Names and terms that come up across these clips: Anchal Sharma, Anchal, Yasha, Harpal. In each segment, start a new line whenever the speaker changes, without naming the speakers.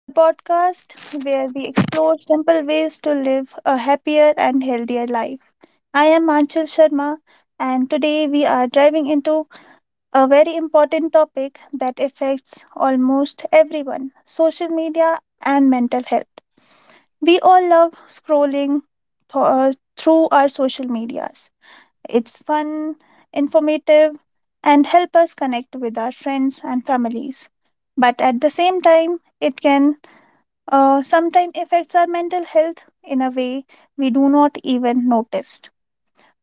the podcast where we explore simple ways to live a happier and healthier life. I am Anchal Sharma, and today we are diving into a very important topic that affects almost everyone social media and mental health. We all love scrolling th- uh, through our social medias it's fun, informative, and help us connect with our friends and families. But at the same time, it can sometimes affects our mental health in a way we do not even notice.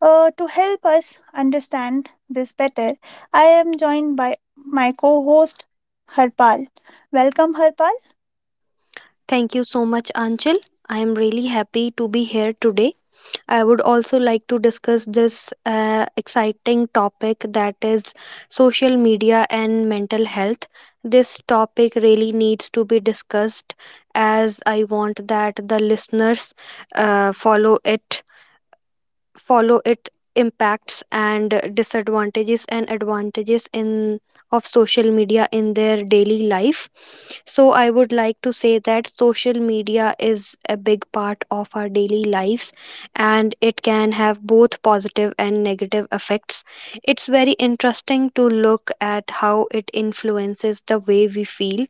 To help us understand this better, I am joined by my co-host Harpal. Welcome, Harpal.
Thank you so much, Anchal. I am really happy to be here today. I would also like to discuss this exciting topic that is social media and mental health. This topic really needs to be discussed, as I want that the listeners uh, follow it follow it, impacts and disadvantages and advantages in of social media in their daily life. So I would like to say that social media is a big part of our daily lives, and it can have both positive and negative effects. It's very interesting to look at how it influences the way we feel,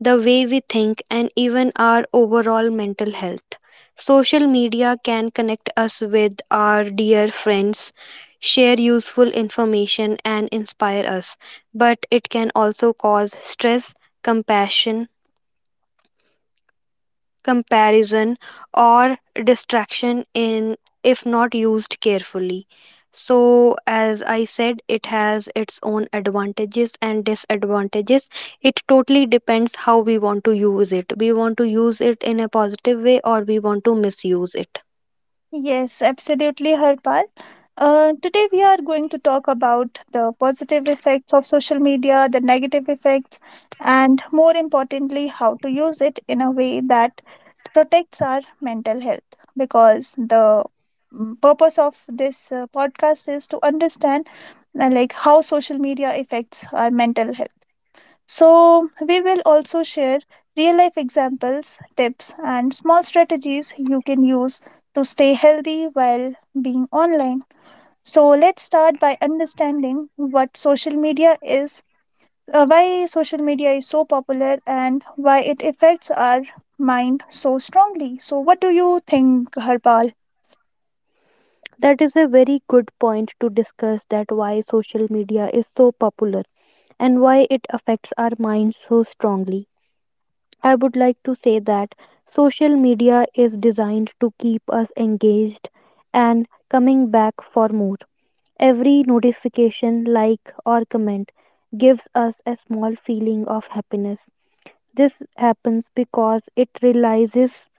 the way we think, and even our overall mental health. Social media can connect us with our dear friends, share useful information, and inspire us, but it can also cause stress, compassion, comparison, or distraction, in if not used carefully. So, as I said, it has its own advantages and disadvantages. It totally depends how we want to use it. We want to use it in a positive way, or we want to misuse it.
Yes, absolutely, Harpal. Today we are going to talk about the positive effects of social media, the negative effects, and more importantly, how to use it in a way that protects our mental health. Because the purpose of this podcast is to understand like how social media affects our mental health. So, we will also share real life examples, tips, and small strategies you can use to stay healthy while being online. So, let's start by understanding what social media is, why social media is so popular, and why it affects our mind so strongly. So, what do you think, Harpal?
That is a very good point to discuss, that why social media is so popular and why it affects our minds so strongly. I would like to say that social media is designed to keep us engaged and coming back for more. Every notification, like, or comment gives us a small feeling of happiness. This happens because it realizes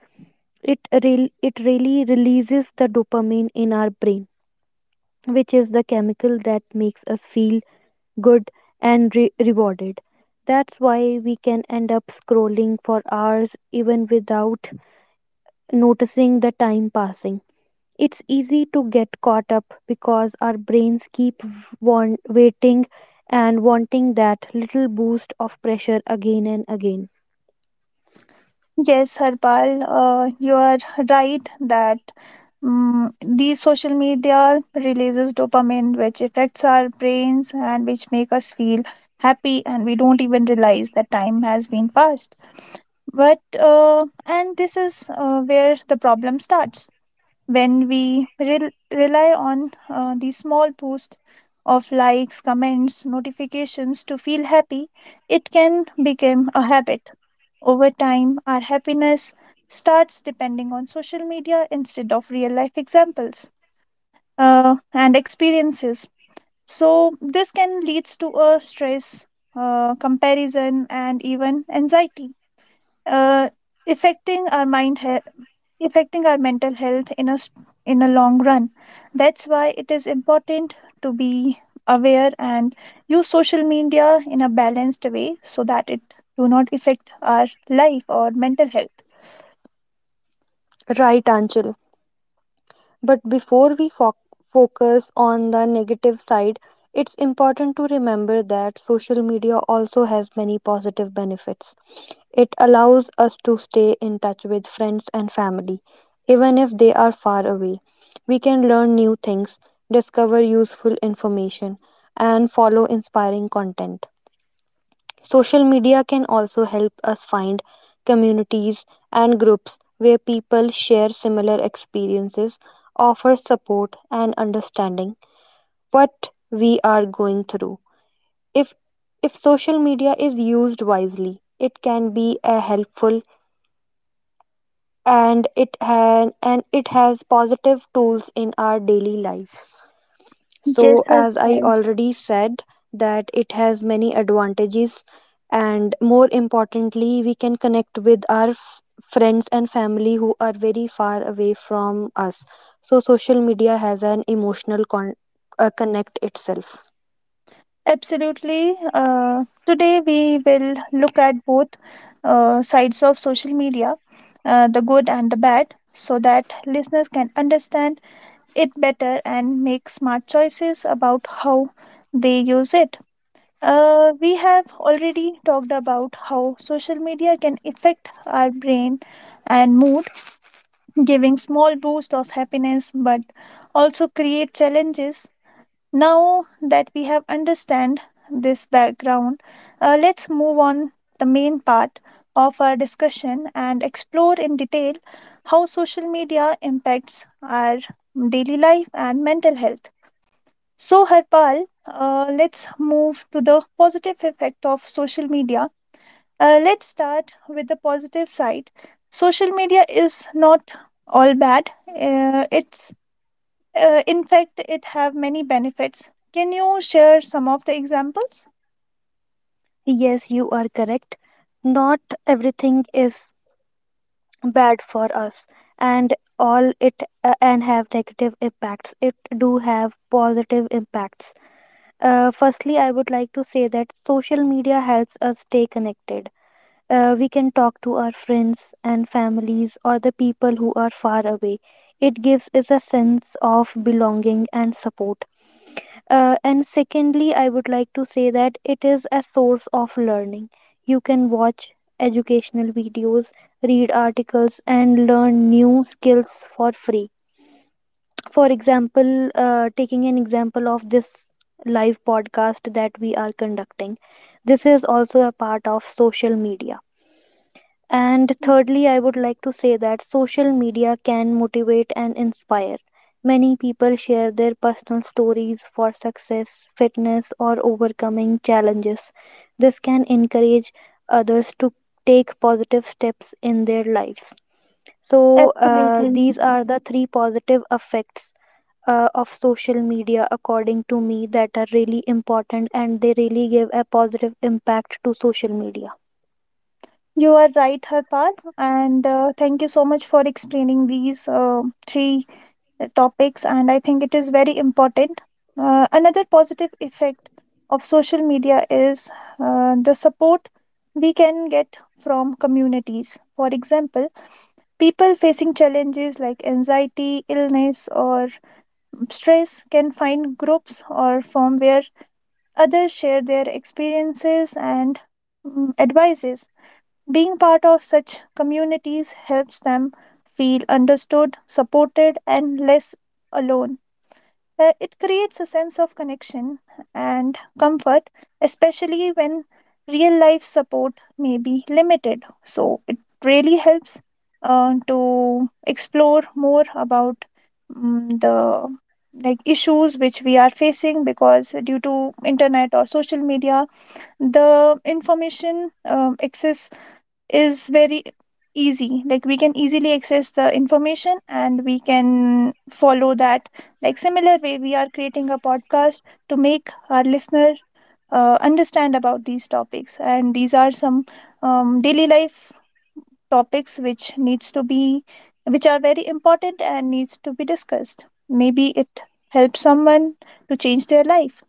it re it really releases the dopamine in our brain, which is the chemical that makes us feel good and rewarded. That's why we can end up scrolling for hours even without noticing the time passing. It's easy to get caught up because our brains keep waiting and wanting that little boost of pressure again and again.
Yes, Harpal, you are right that these social media releases dopamine, which affects our brains and which make us feel happy, and we don't even realize that time has been passed. But and this is where the problem starts when we rely on the small boost of likes, comments, notifications to feel happy. It can become a habit over time, our happiness starts depending on social media instead of real life examples and experiences. So, this can lead to a stress, comparison, and even anxiety, uh, affecting our affecting our mental health in in a long run. That's why it is important to be aware and use social media in a balanced way so that it do not affect our life or mental health.
Right, Anchal. But before we focus on the negative side, it's important to remember that social media also has many positive benefits. It allows us to stay in touch with friends and family, even if they are far away. We can learn new things, discover useful information, and follow inspiring content. Social media can also help us find communities and groups where people share similar experiences, offer support and understanding what we are going through. If if social media is used wisely, it can be a helpful, and it has positive tools in our daily life.
Yes,
So, as I
Harpal.
already said, that it has many advantages, and more importantly, we can connect with our friends and family who are very far away from us. So, social media has an emotional connect itself.
Absolutely. Today we will look at both sides of social media, the good and the bad, so that listeners can understand it better and make smart choices about how they use it. We have already talked about how social media can affect our brain and mood, giving small boost of happiness, but also create challenges. Now that we have understand this background, let's move on the main part of our discussion and explore in detail how social media impacts our daily life and mental health. So, Harpal, let's move to the positive effect of social media. Let's start with the positive side. Social media is not all bad. It's In fact, it have many benefits. Can you share some of the examples?
Yes, you are correct. Not everything is bad for us, and all it and have negative impacts. It do have positive impacts. Firstly, I would like to say that social media helps us stay connected. We can talk to our friends and families or the people who are far away. It gives us a sense of belonging and support. And secondly, I would like to say that it is a source of learning. You can watch educational videos, read articles, and learn new skills for free. For example, taking an example of this live podcast that we are conducting, this is also a part of social media. And thirdly, I would like to say that social media can motivate and inspire. Many people share their personal stories for success, fitness, or overcoming challenges. This can encourage others to take positive steps in their lives. So,
Absolutely.
these are the three positive effects of social media, according to me, that are really important and they really give a positive impact to social media.
You are right, Harpal, and thank you so much for explaining these three topics. And I think it is very important. Another positive effect of social media is the support we can get from communities. For example, people facing challenges like anxiety, illness, or Strays can find groups or form where others share their experiences and advices. Being part of such communities helps them feel understood, supported, and less alone. It creates a sense of connection and comfort, especially when real life support may be limited. So, it really helps to explore more about the like issues which we are facing because due to internet or social media the information access is very easy like we can easily access the information and we can follow that like similar way we are creating a podcast to make our listener understand about these topics and these are some daily life topics which needs to be which are very important and needs to be discussed maybe it helps someone to change their life.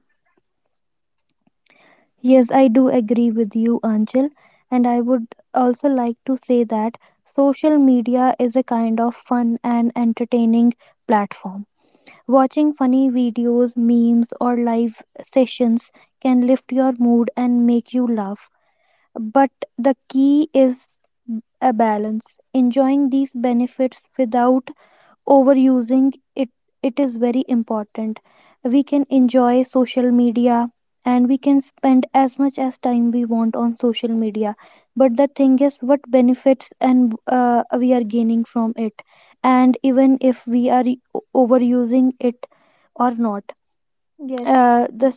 Yes, I do agree with you, Anchal. And I would also like to say that social media is a kind of fun and entertaining platform. Watching funny videos, memes, or live sessions can lift your mood and make you laugh. But the key is a balance, enjoying these benefits without overusing it. It is very important. We can enjoy social media, and we can spend as much as time we want on social media, but the thing is what benefits and we are gaining from it, and even if we are overusing it or not.
yes
uh, the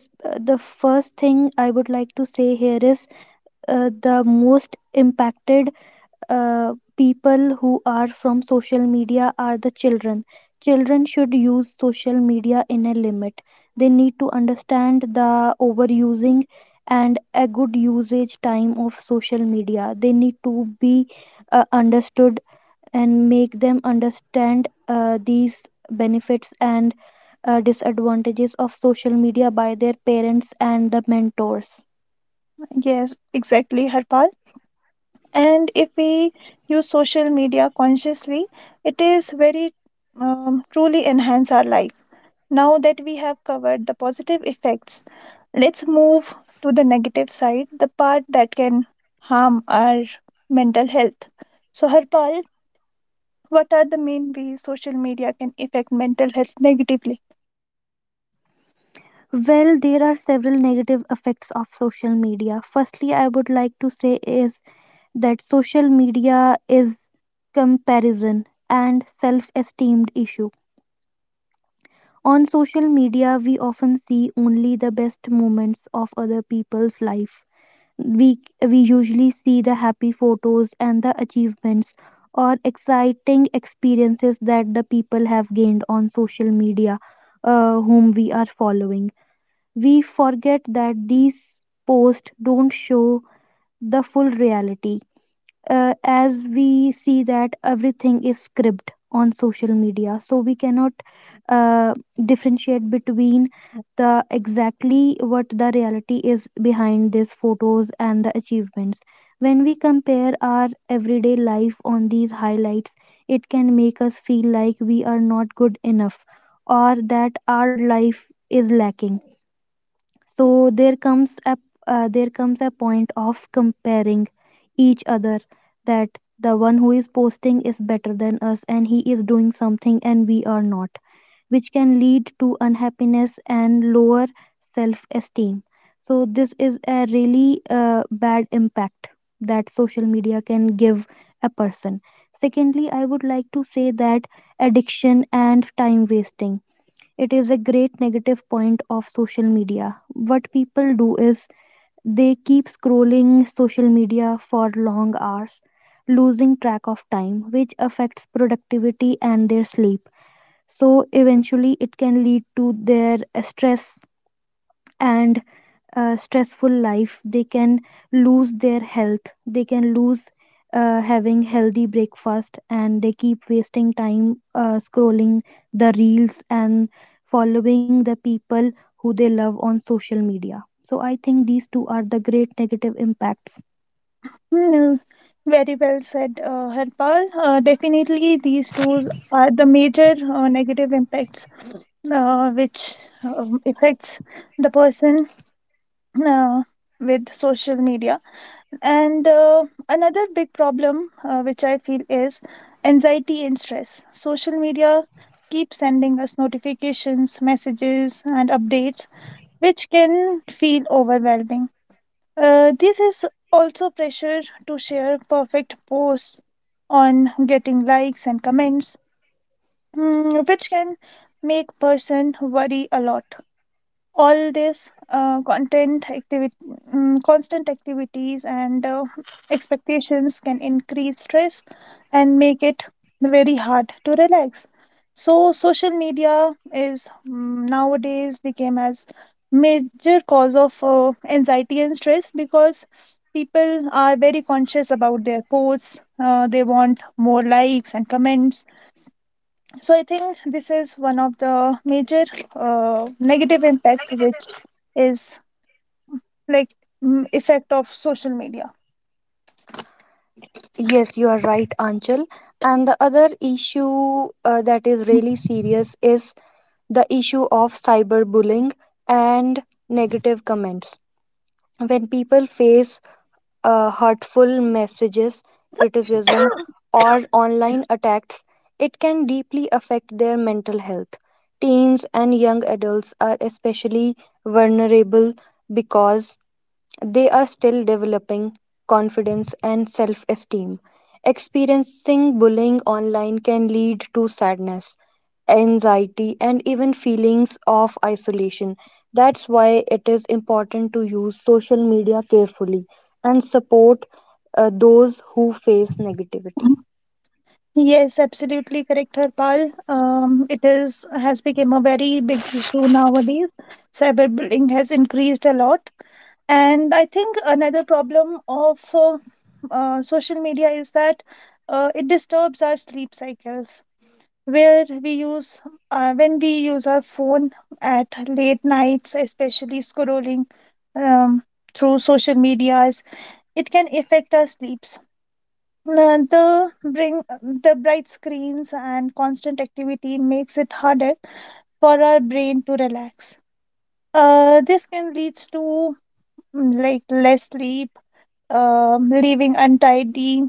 the first thing I would like to say here is the most impacted people who are from social media are the children. Children should use social media in a limit. They need to understand the overusing and a good usage time of social media. They need to be understood, and make them understand these benefits and disadvantages of social media by their parents and the mentors.
yes exactly, Harpal, and if we use social media consciously it is very truly enhance our life. Now that we have covered the positive effects, let's move to the negative side, the part that can harm our mental health. So, Harpal, what are the main ways social media can affect mental health negatively?
Well, there are several negative effects of social media. Firstly, I would like to say is that social media is comparison and self-esteem issue. On social media, we often see only the best moments of other people's life. We we usually see the happy photos and the achievements or exciting experiences that the people have gained on social media whom we are following. We forget that these posts don't show the full reality, as we see that everything is scripted on social media, so we cannot uh, differentiate between the exactly what the reality is behind these photos and the achievements. When we compare our everyday life on these highlights, it can make us feel like we are not good enough, or that our life is lacking. So there comes a point of comparing each other, that the one who is posting is better than us and he is doing something and we are not, which can lead to unhappiness and lower self esteem. So this is a really bad impact that social media can give a person. Secondly, I would like to say that addiction and time wasting, it is a great negative point of social media. What people do is they keep scrolling social media for long hours, losing track of time, which affects productivity and their sleep. So, eventually, it can lead to their stress, and stressful life. They can lose their health, they can lose having healthy breakfast, and they keep wasting time scrolling the reels and following the people who they love on social media. So I think these two are the great negative impacts.
Hmm, very well said, Harpal. Definitely, these two are the major negative impacts which affects the person uh, with social media. And another big problem which I feel is anxiety and stress. Social media keeps sending us notifications, messages, and updates, which can feel overwhelming. This is also pressure to share perfect posts on getting likes and comments, which can make person worry a lot. All this content activity constant activities and expectations can increase stress and make it very hard to relax. So social media is nowadays became as major cause of anxiety and stress because people are very conscious about their posts, they want more likes and comments. So I think this is one of the major uh, negative impact which is like effect of social media.
Yes, you are right, Anchal. And the other issue that is really serious is the issue of cyberbullying and negative comments. When people face hurtful messages, criticism, or online attacks, it can deeply affect their mental health. Teens and young adults are especially vulnerable because they are still developing confidence and self esteem. Experiencing bullying online can lead to sadness, anxiety, and even feelings of isolation. That's why it is important to use social media carefully and support those who face negativity.
Yes, absolutely correct, Harpal. It is has become a very big issue nowadays, cyberbullying has increased a lot. And I think another problem of social media is that it disturbs our sleep cycles where we use when we use our phone at late nights, especially scrolling um, through social medias, it can affect our sleeps. The bring the bright screens and constant activity makes it harder for our brain to relax. This can leads to like less sleep, um, leaving untidy,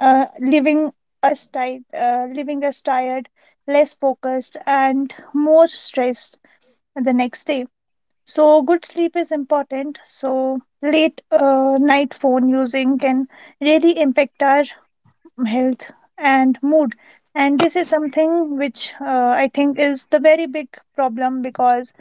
uh, leaving leaving us tired, less focused, and more stressed the next day. So good sleep is important. So late night phone using can really impact our health and mood. And this is something which I think is the very big problem because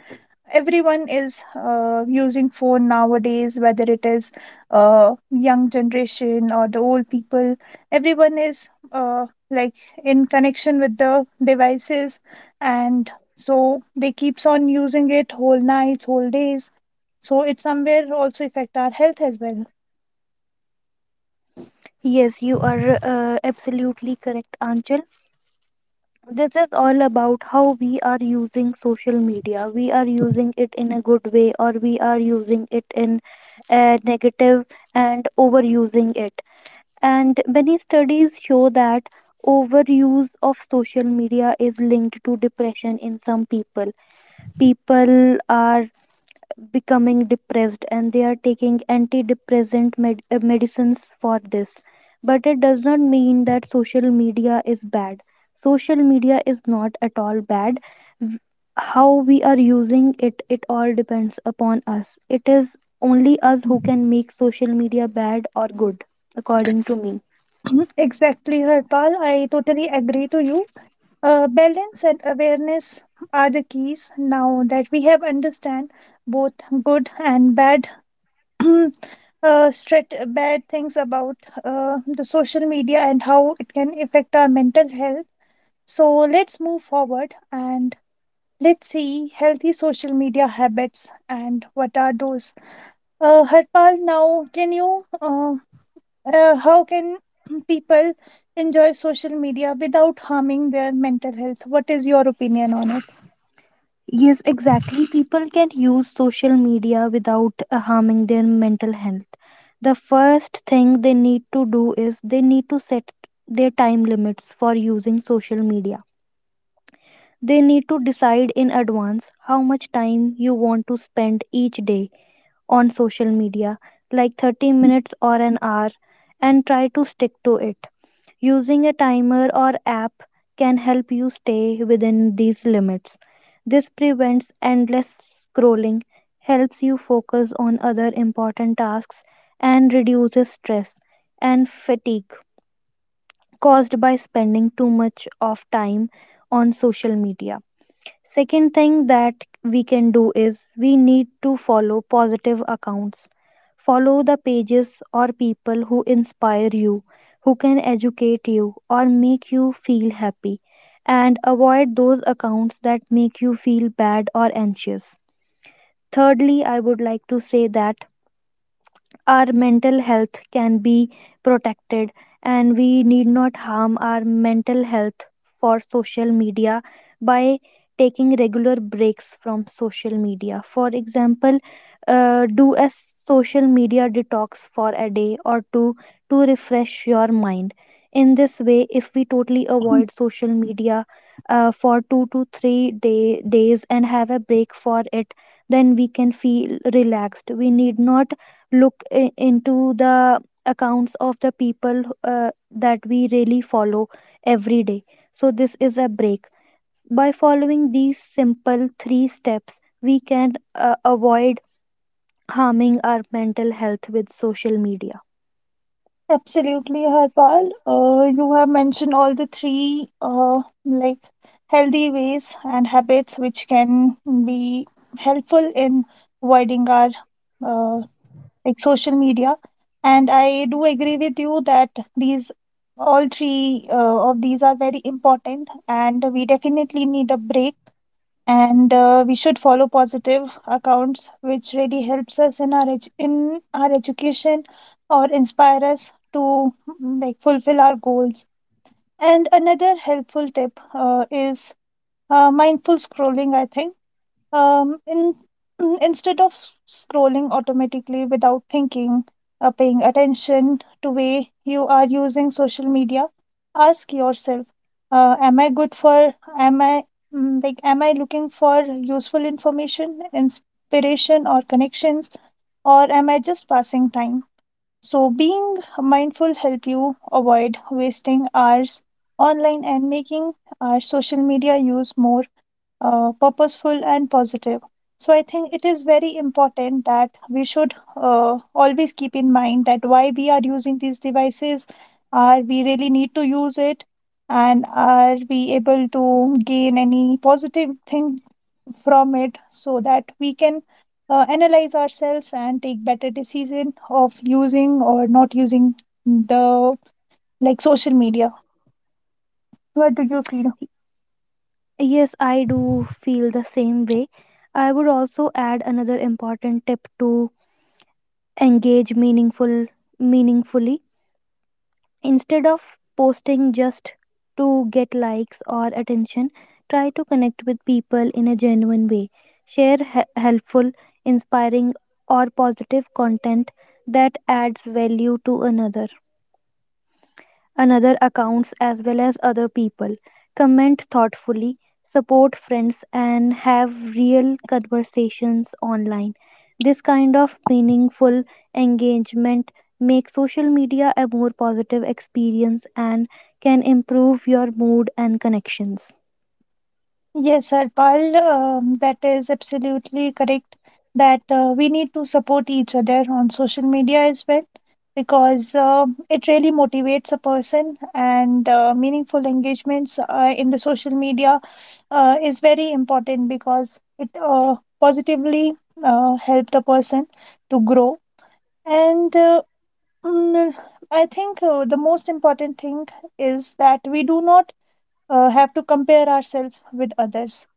everyone is using phone nowadays, whether it is young generation or the old people, everyone is like in connection with the devices and so they keeps on using it whole nights whole days. So it somewhere also affect our health as well.
Yes, you are absolutely correct, Anchal. This is all about how we are using social media. We are using it in a good way, or we are using it in a negative and overusing it. And many studies show that overuse of social media is linked to depression in some people. People are becoming depressed and they are taking antidepressant medicines for this, but it does not mean that social media is bad. Social media is not at all bad. W- how we are using it all depends upon us. It is only us who can make social media bad or good, according to me.
Mhm. Exactly, Harpal, I totally agree to you. Balance and awareness are the keys. Now that we have understand both good and bad bad things about the social media and how it can affect our mental health. So let's move forward and let's see healthy social media habits and what are those. Harpal, now can how can people enjoy social media without harming their mental health? What is your opinion on it?
Yes, exactly. People can use social media without harming their mental health. The first thing they need to do is they need to set their time limits for using social media. They need to decide in advance how much time you want to spend each day on social media, like 30 minutes or an hour, and try to stick to it. Using a timer or app can help you stay within these limits. This prevents endless scrolling, helps you focus on other important tasks, and reduces stress and fatigue caused by spending too much of time on social media. Second thing that we can do is we need to follow positive accounts. Follow the pages or people who inspire you, who can educate you, or make you feel happy. And avoid those accounts that make you feel bad or anxious. Thirdly, I would like to say that our mental health can be protected, and we need not harm our mental health for social media by taking regular breaks from social media. For example, do a social media detox for a day or two to refresh your mind. In this way, if we totally avoid social media for 2 to 3 days and have a break for it, then we can feel relaxed. We need not look into the accounts of the people that we really follow every day. So, this is a break. By following these simple three steps, we can avoid harming our mental health with social media.
Absolutely, Harpal. You have mentioned all the three like healthy ways and habits which can be helpful in avoiding our uh, like social media. And I do agree with you that these all three of these are very important, and we definitely need a break and we should follow positive accounts which really helps us in our in our education or inspire us to like fulfill our goals. And another helpful tip is mindful scrolling, I think. um, in, Instead of scrolling automatically without thinking, paying attention to way you are using social media, ask yourself, am I good for, am I, mm, like, am I looking for useful information, inspiration or connections, or am I just passing time? So being mindful help you avoid wasting hours online and making our social media use more purposeful and positive. So I think it is very important that we should always keep in mind that why we are using these devices, are we really need to use it, and are we able to gain any positive thing from it, so that we can analyze ourselves and take better decision of using or not using the like social media. What do you feel?
Yes, I do feel the same way. I would also add another important tip, to engage meaningfully. Instead of posting just to get likes or attention, try to connect with people in a genuine way. Share helpful, inspiring, or positive content that adds value to another accounts as well as other people. Comment thoughtfully, support friends, and have real conversations online. This kind of meaningful engagement makes social media a more positive experience and can improve your mood and connections.
Yes, Harpal, that is absolutely correct. That we need to support each other on social media as well, because it really motivates a person, and meaningful engagements in the social media is very important because it positively help the person to grow. And mm, I think the most important thing is that we do not have to compare ourselves with others.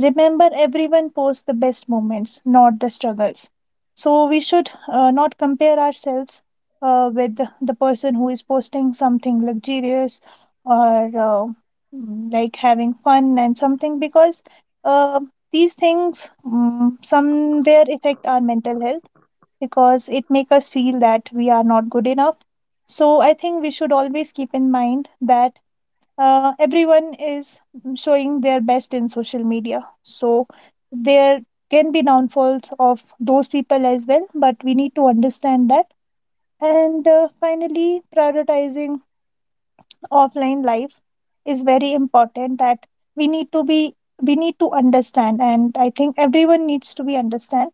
Remember, everyone posts the best moments, not the struggles. So we should not compare ourselves with the person who is posting something luxurious or like having fun and something, because uh, these things somewhere affect our mental health because it make us feel that we are not good enough. So I think we should always keep in mind that everyone is showing their best in social media. So there can be downfalls of those people as well, but we need to understand that. And finally, prioritizing offline life is very important, that we need to be we need to understand and I think everyone needs to be understand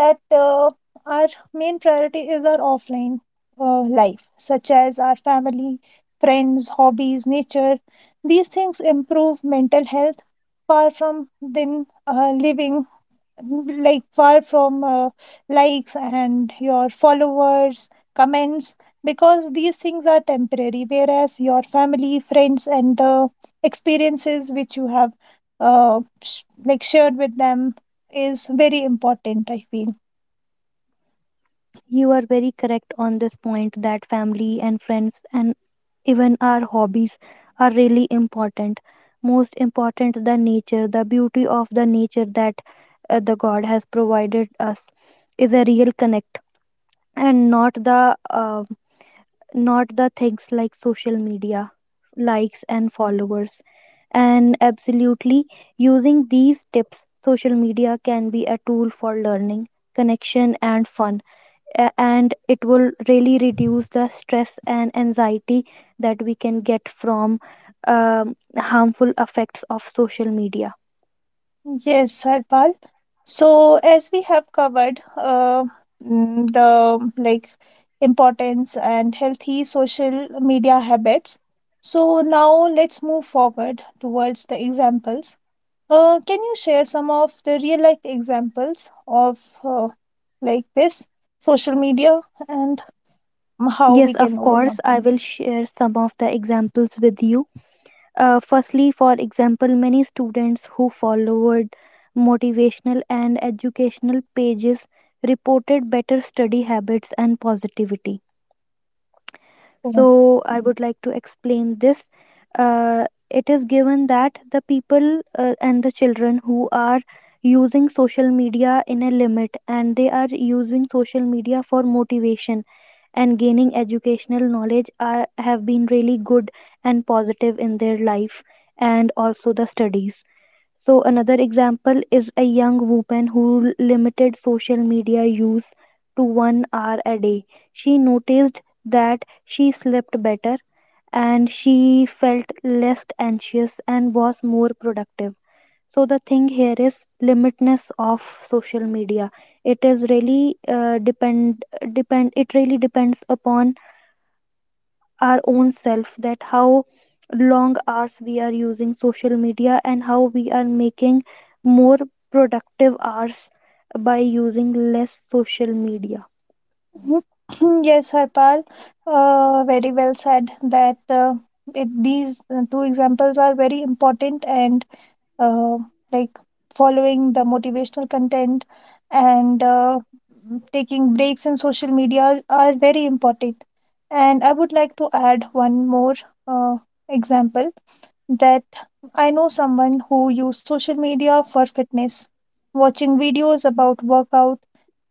that our main priority is our offline life, such as our family, friends, hobbies, nature. These things improve mental health far from then living like far from likes and your followers comments, because these things are temporary, whereas your family, friends, and the experiences which you have like shared with them is very important, I feel.
You are very correct on this point, that family and friends and even our hobbies are really important. Most important, the nature, the beauty of the nature that the God has provided us, is a real connect, and not the not the things like social media likes and followers. And absolutely, using these tips, social media can be a tool for learning, connection and fun, and it will really reduce the stress and anxiety that we can get from harmful effects of social media.
Yes, Harpal. So, as we have covered the like importance and healthy social media habits, so now let's move forward towards the examples. Can you share some of the real life examples of uh, like this social media and how we
Yes,
can
of course,
overcome?
I will share some of the examples with you. Firstly, for example, many students who followed motivational and educational pages reported better study habits and positivity. So, I would like to explain this. It is given that the people and the children who are using social media in a limit and they are using social media for motivation and gaining educational knowledge are have been really good and positive in their life, and also the studies. So another example is a young woman who limited social media use to 1 hour a day. She noticed that she slept better and she felt less anxious and was more productive. So the thing here is limitness of social media. It is really depend. It really depends upon our own self that how long hours we are using social media and how we are making more productive hours by using less social media.
Mhm. Yes, Harpal, very well said that these two examples are very important, and uh, like following the motivational content and taking breaks in social media are very important. And I would like to add one more uh, example that I know someone who used social media for fitness. Watching videos about workout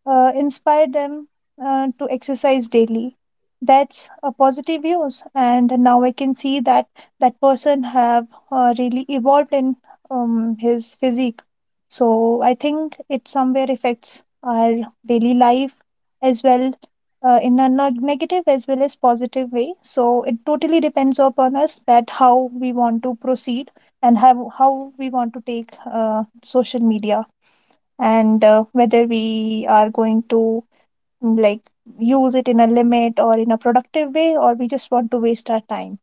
inspired them to exercise daily. That's a positive use, and now I can see that that person have really evolved in his physique. So I think it somewhere affects our daily life as well negative as well as positive way. So it totally depends upon us that how we want to proceed and how we want to take social media and whether we are going to like use it in a limit or in a productive way or we just want to waste our time.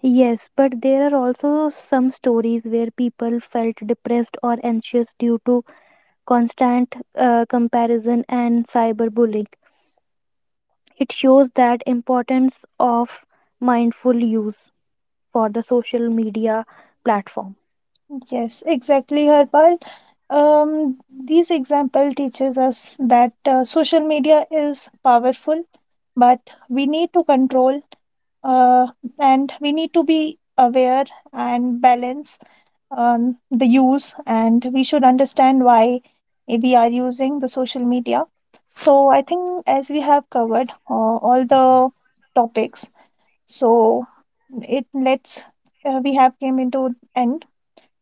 Yes, but there are also some stories where people felt depressed or anxious due to constant comparison and cyberbullying. It shows that importance of mindful use for the social media platform.
Yes, exactly, Harpal. These example teaches us that social media is powerful, but we need to control uh, and we need to be aware and balance the use and we should understand why we are using the social media. So I think as we have covered all the topics, so it lets we have came into end.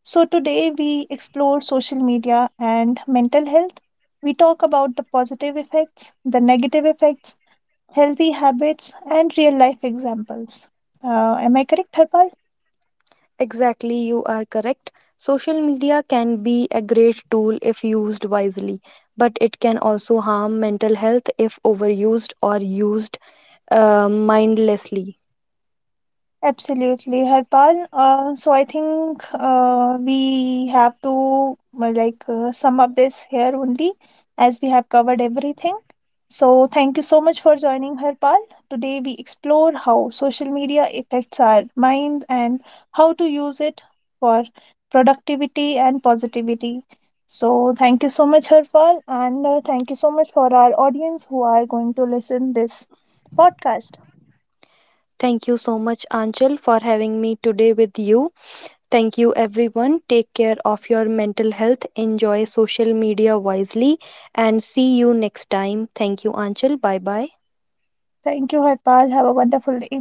So, today we explored social media and mental health. We talk about the positive effects, the negative effects, healthy habits, and real life examples. Am I correct, Harpal?
Exactly, you are correct. Social media can be a great tool if used wisely, but it can also harm mental health if overused or used mindlessly.
Absolutely, Harpal. So I think we have to well, like sum up this here only, as we have covered everything. So thank you so much for joining, Harpal. Today we explore how social media affects our minds and how to use it for productivity and positivity. So thank you so much, Harpal, and thank you so much for our audience who are going to listen this podcast.
Thank you so much, Anchal, for having me today with you. Thank you, everyone. Take care of your mental health. Enjoy social media wisely and see you next time. Thank you, Anchal. Bye bye.
Thank you, Harpal. Have a wonderful day.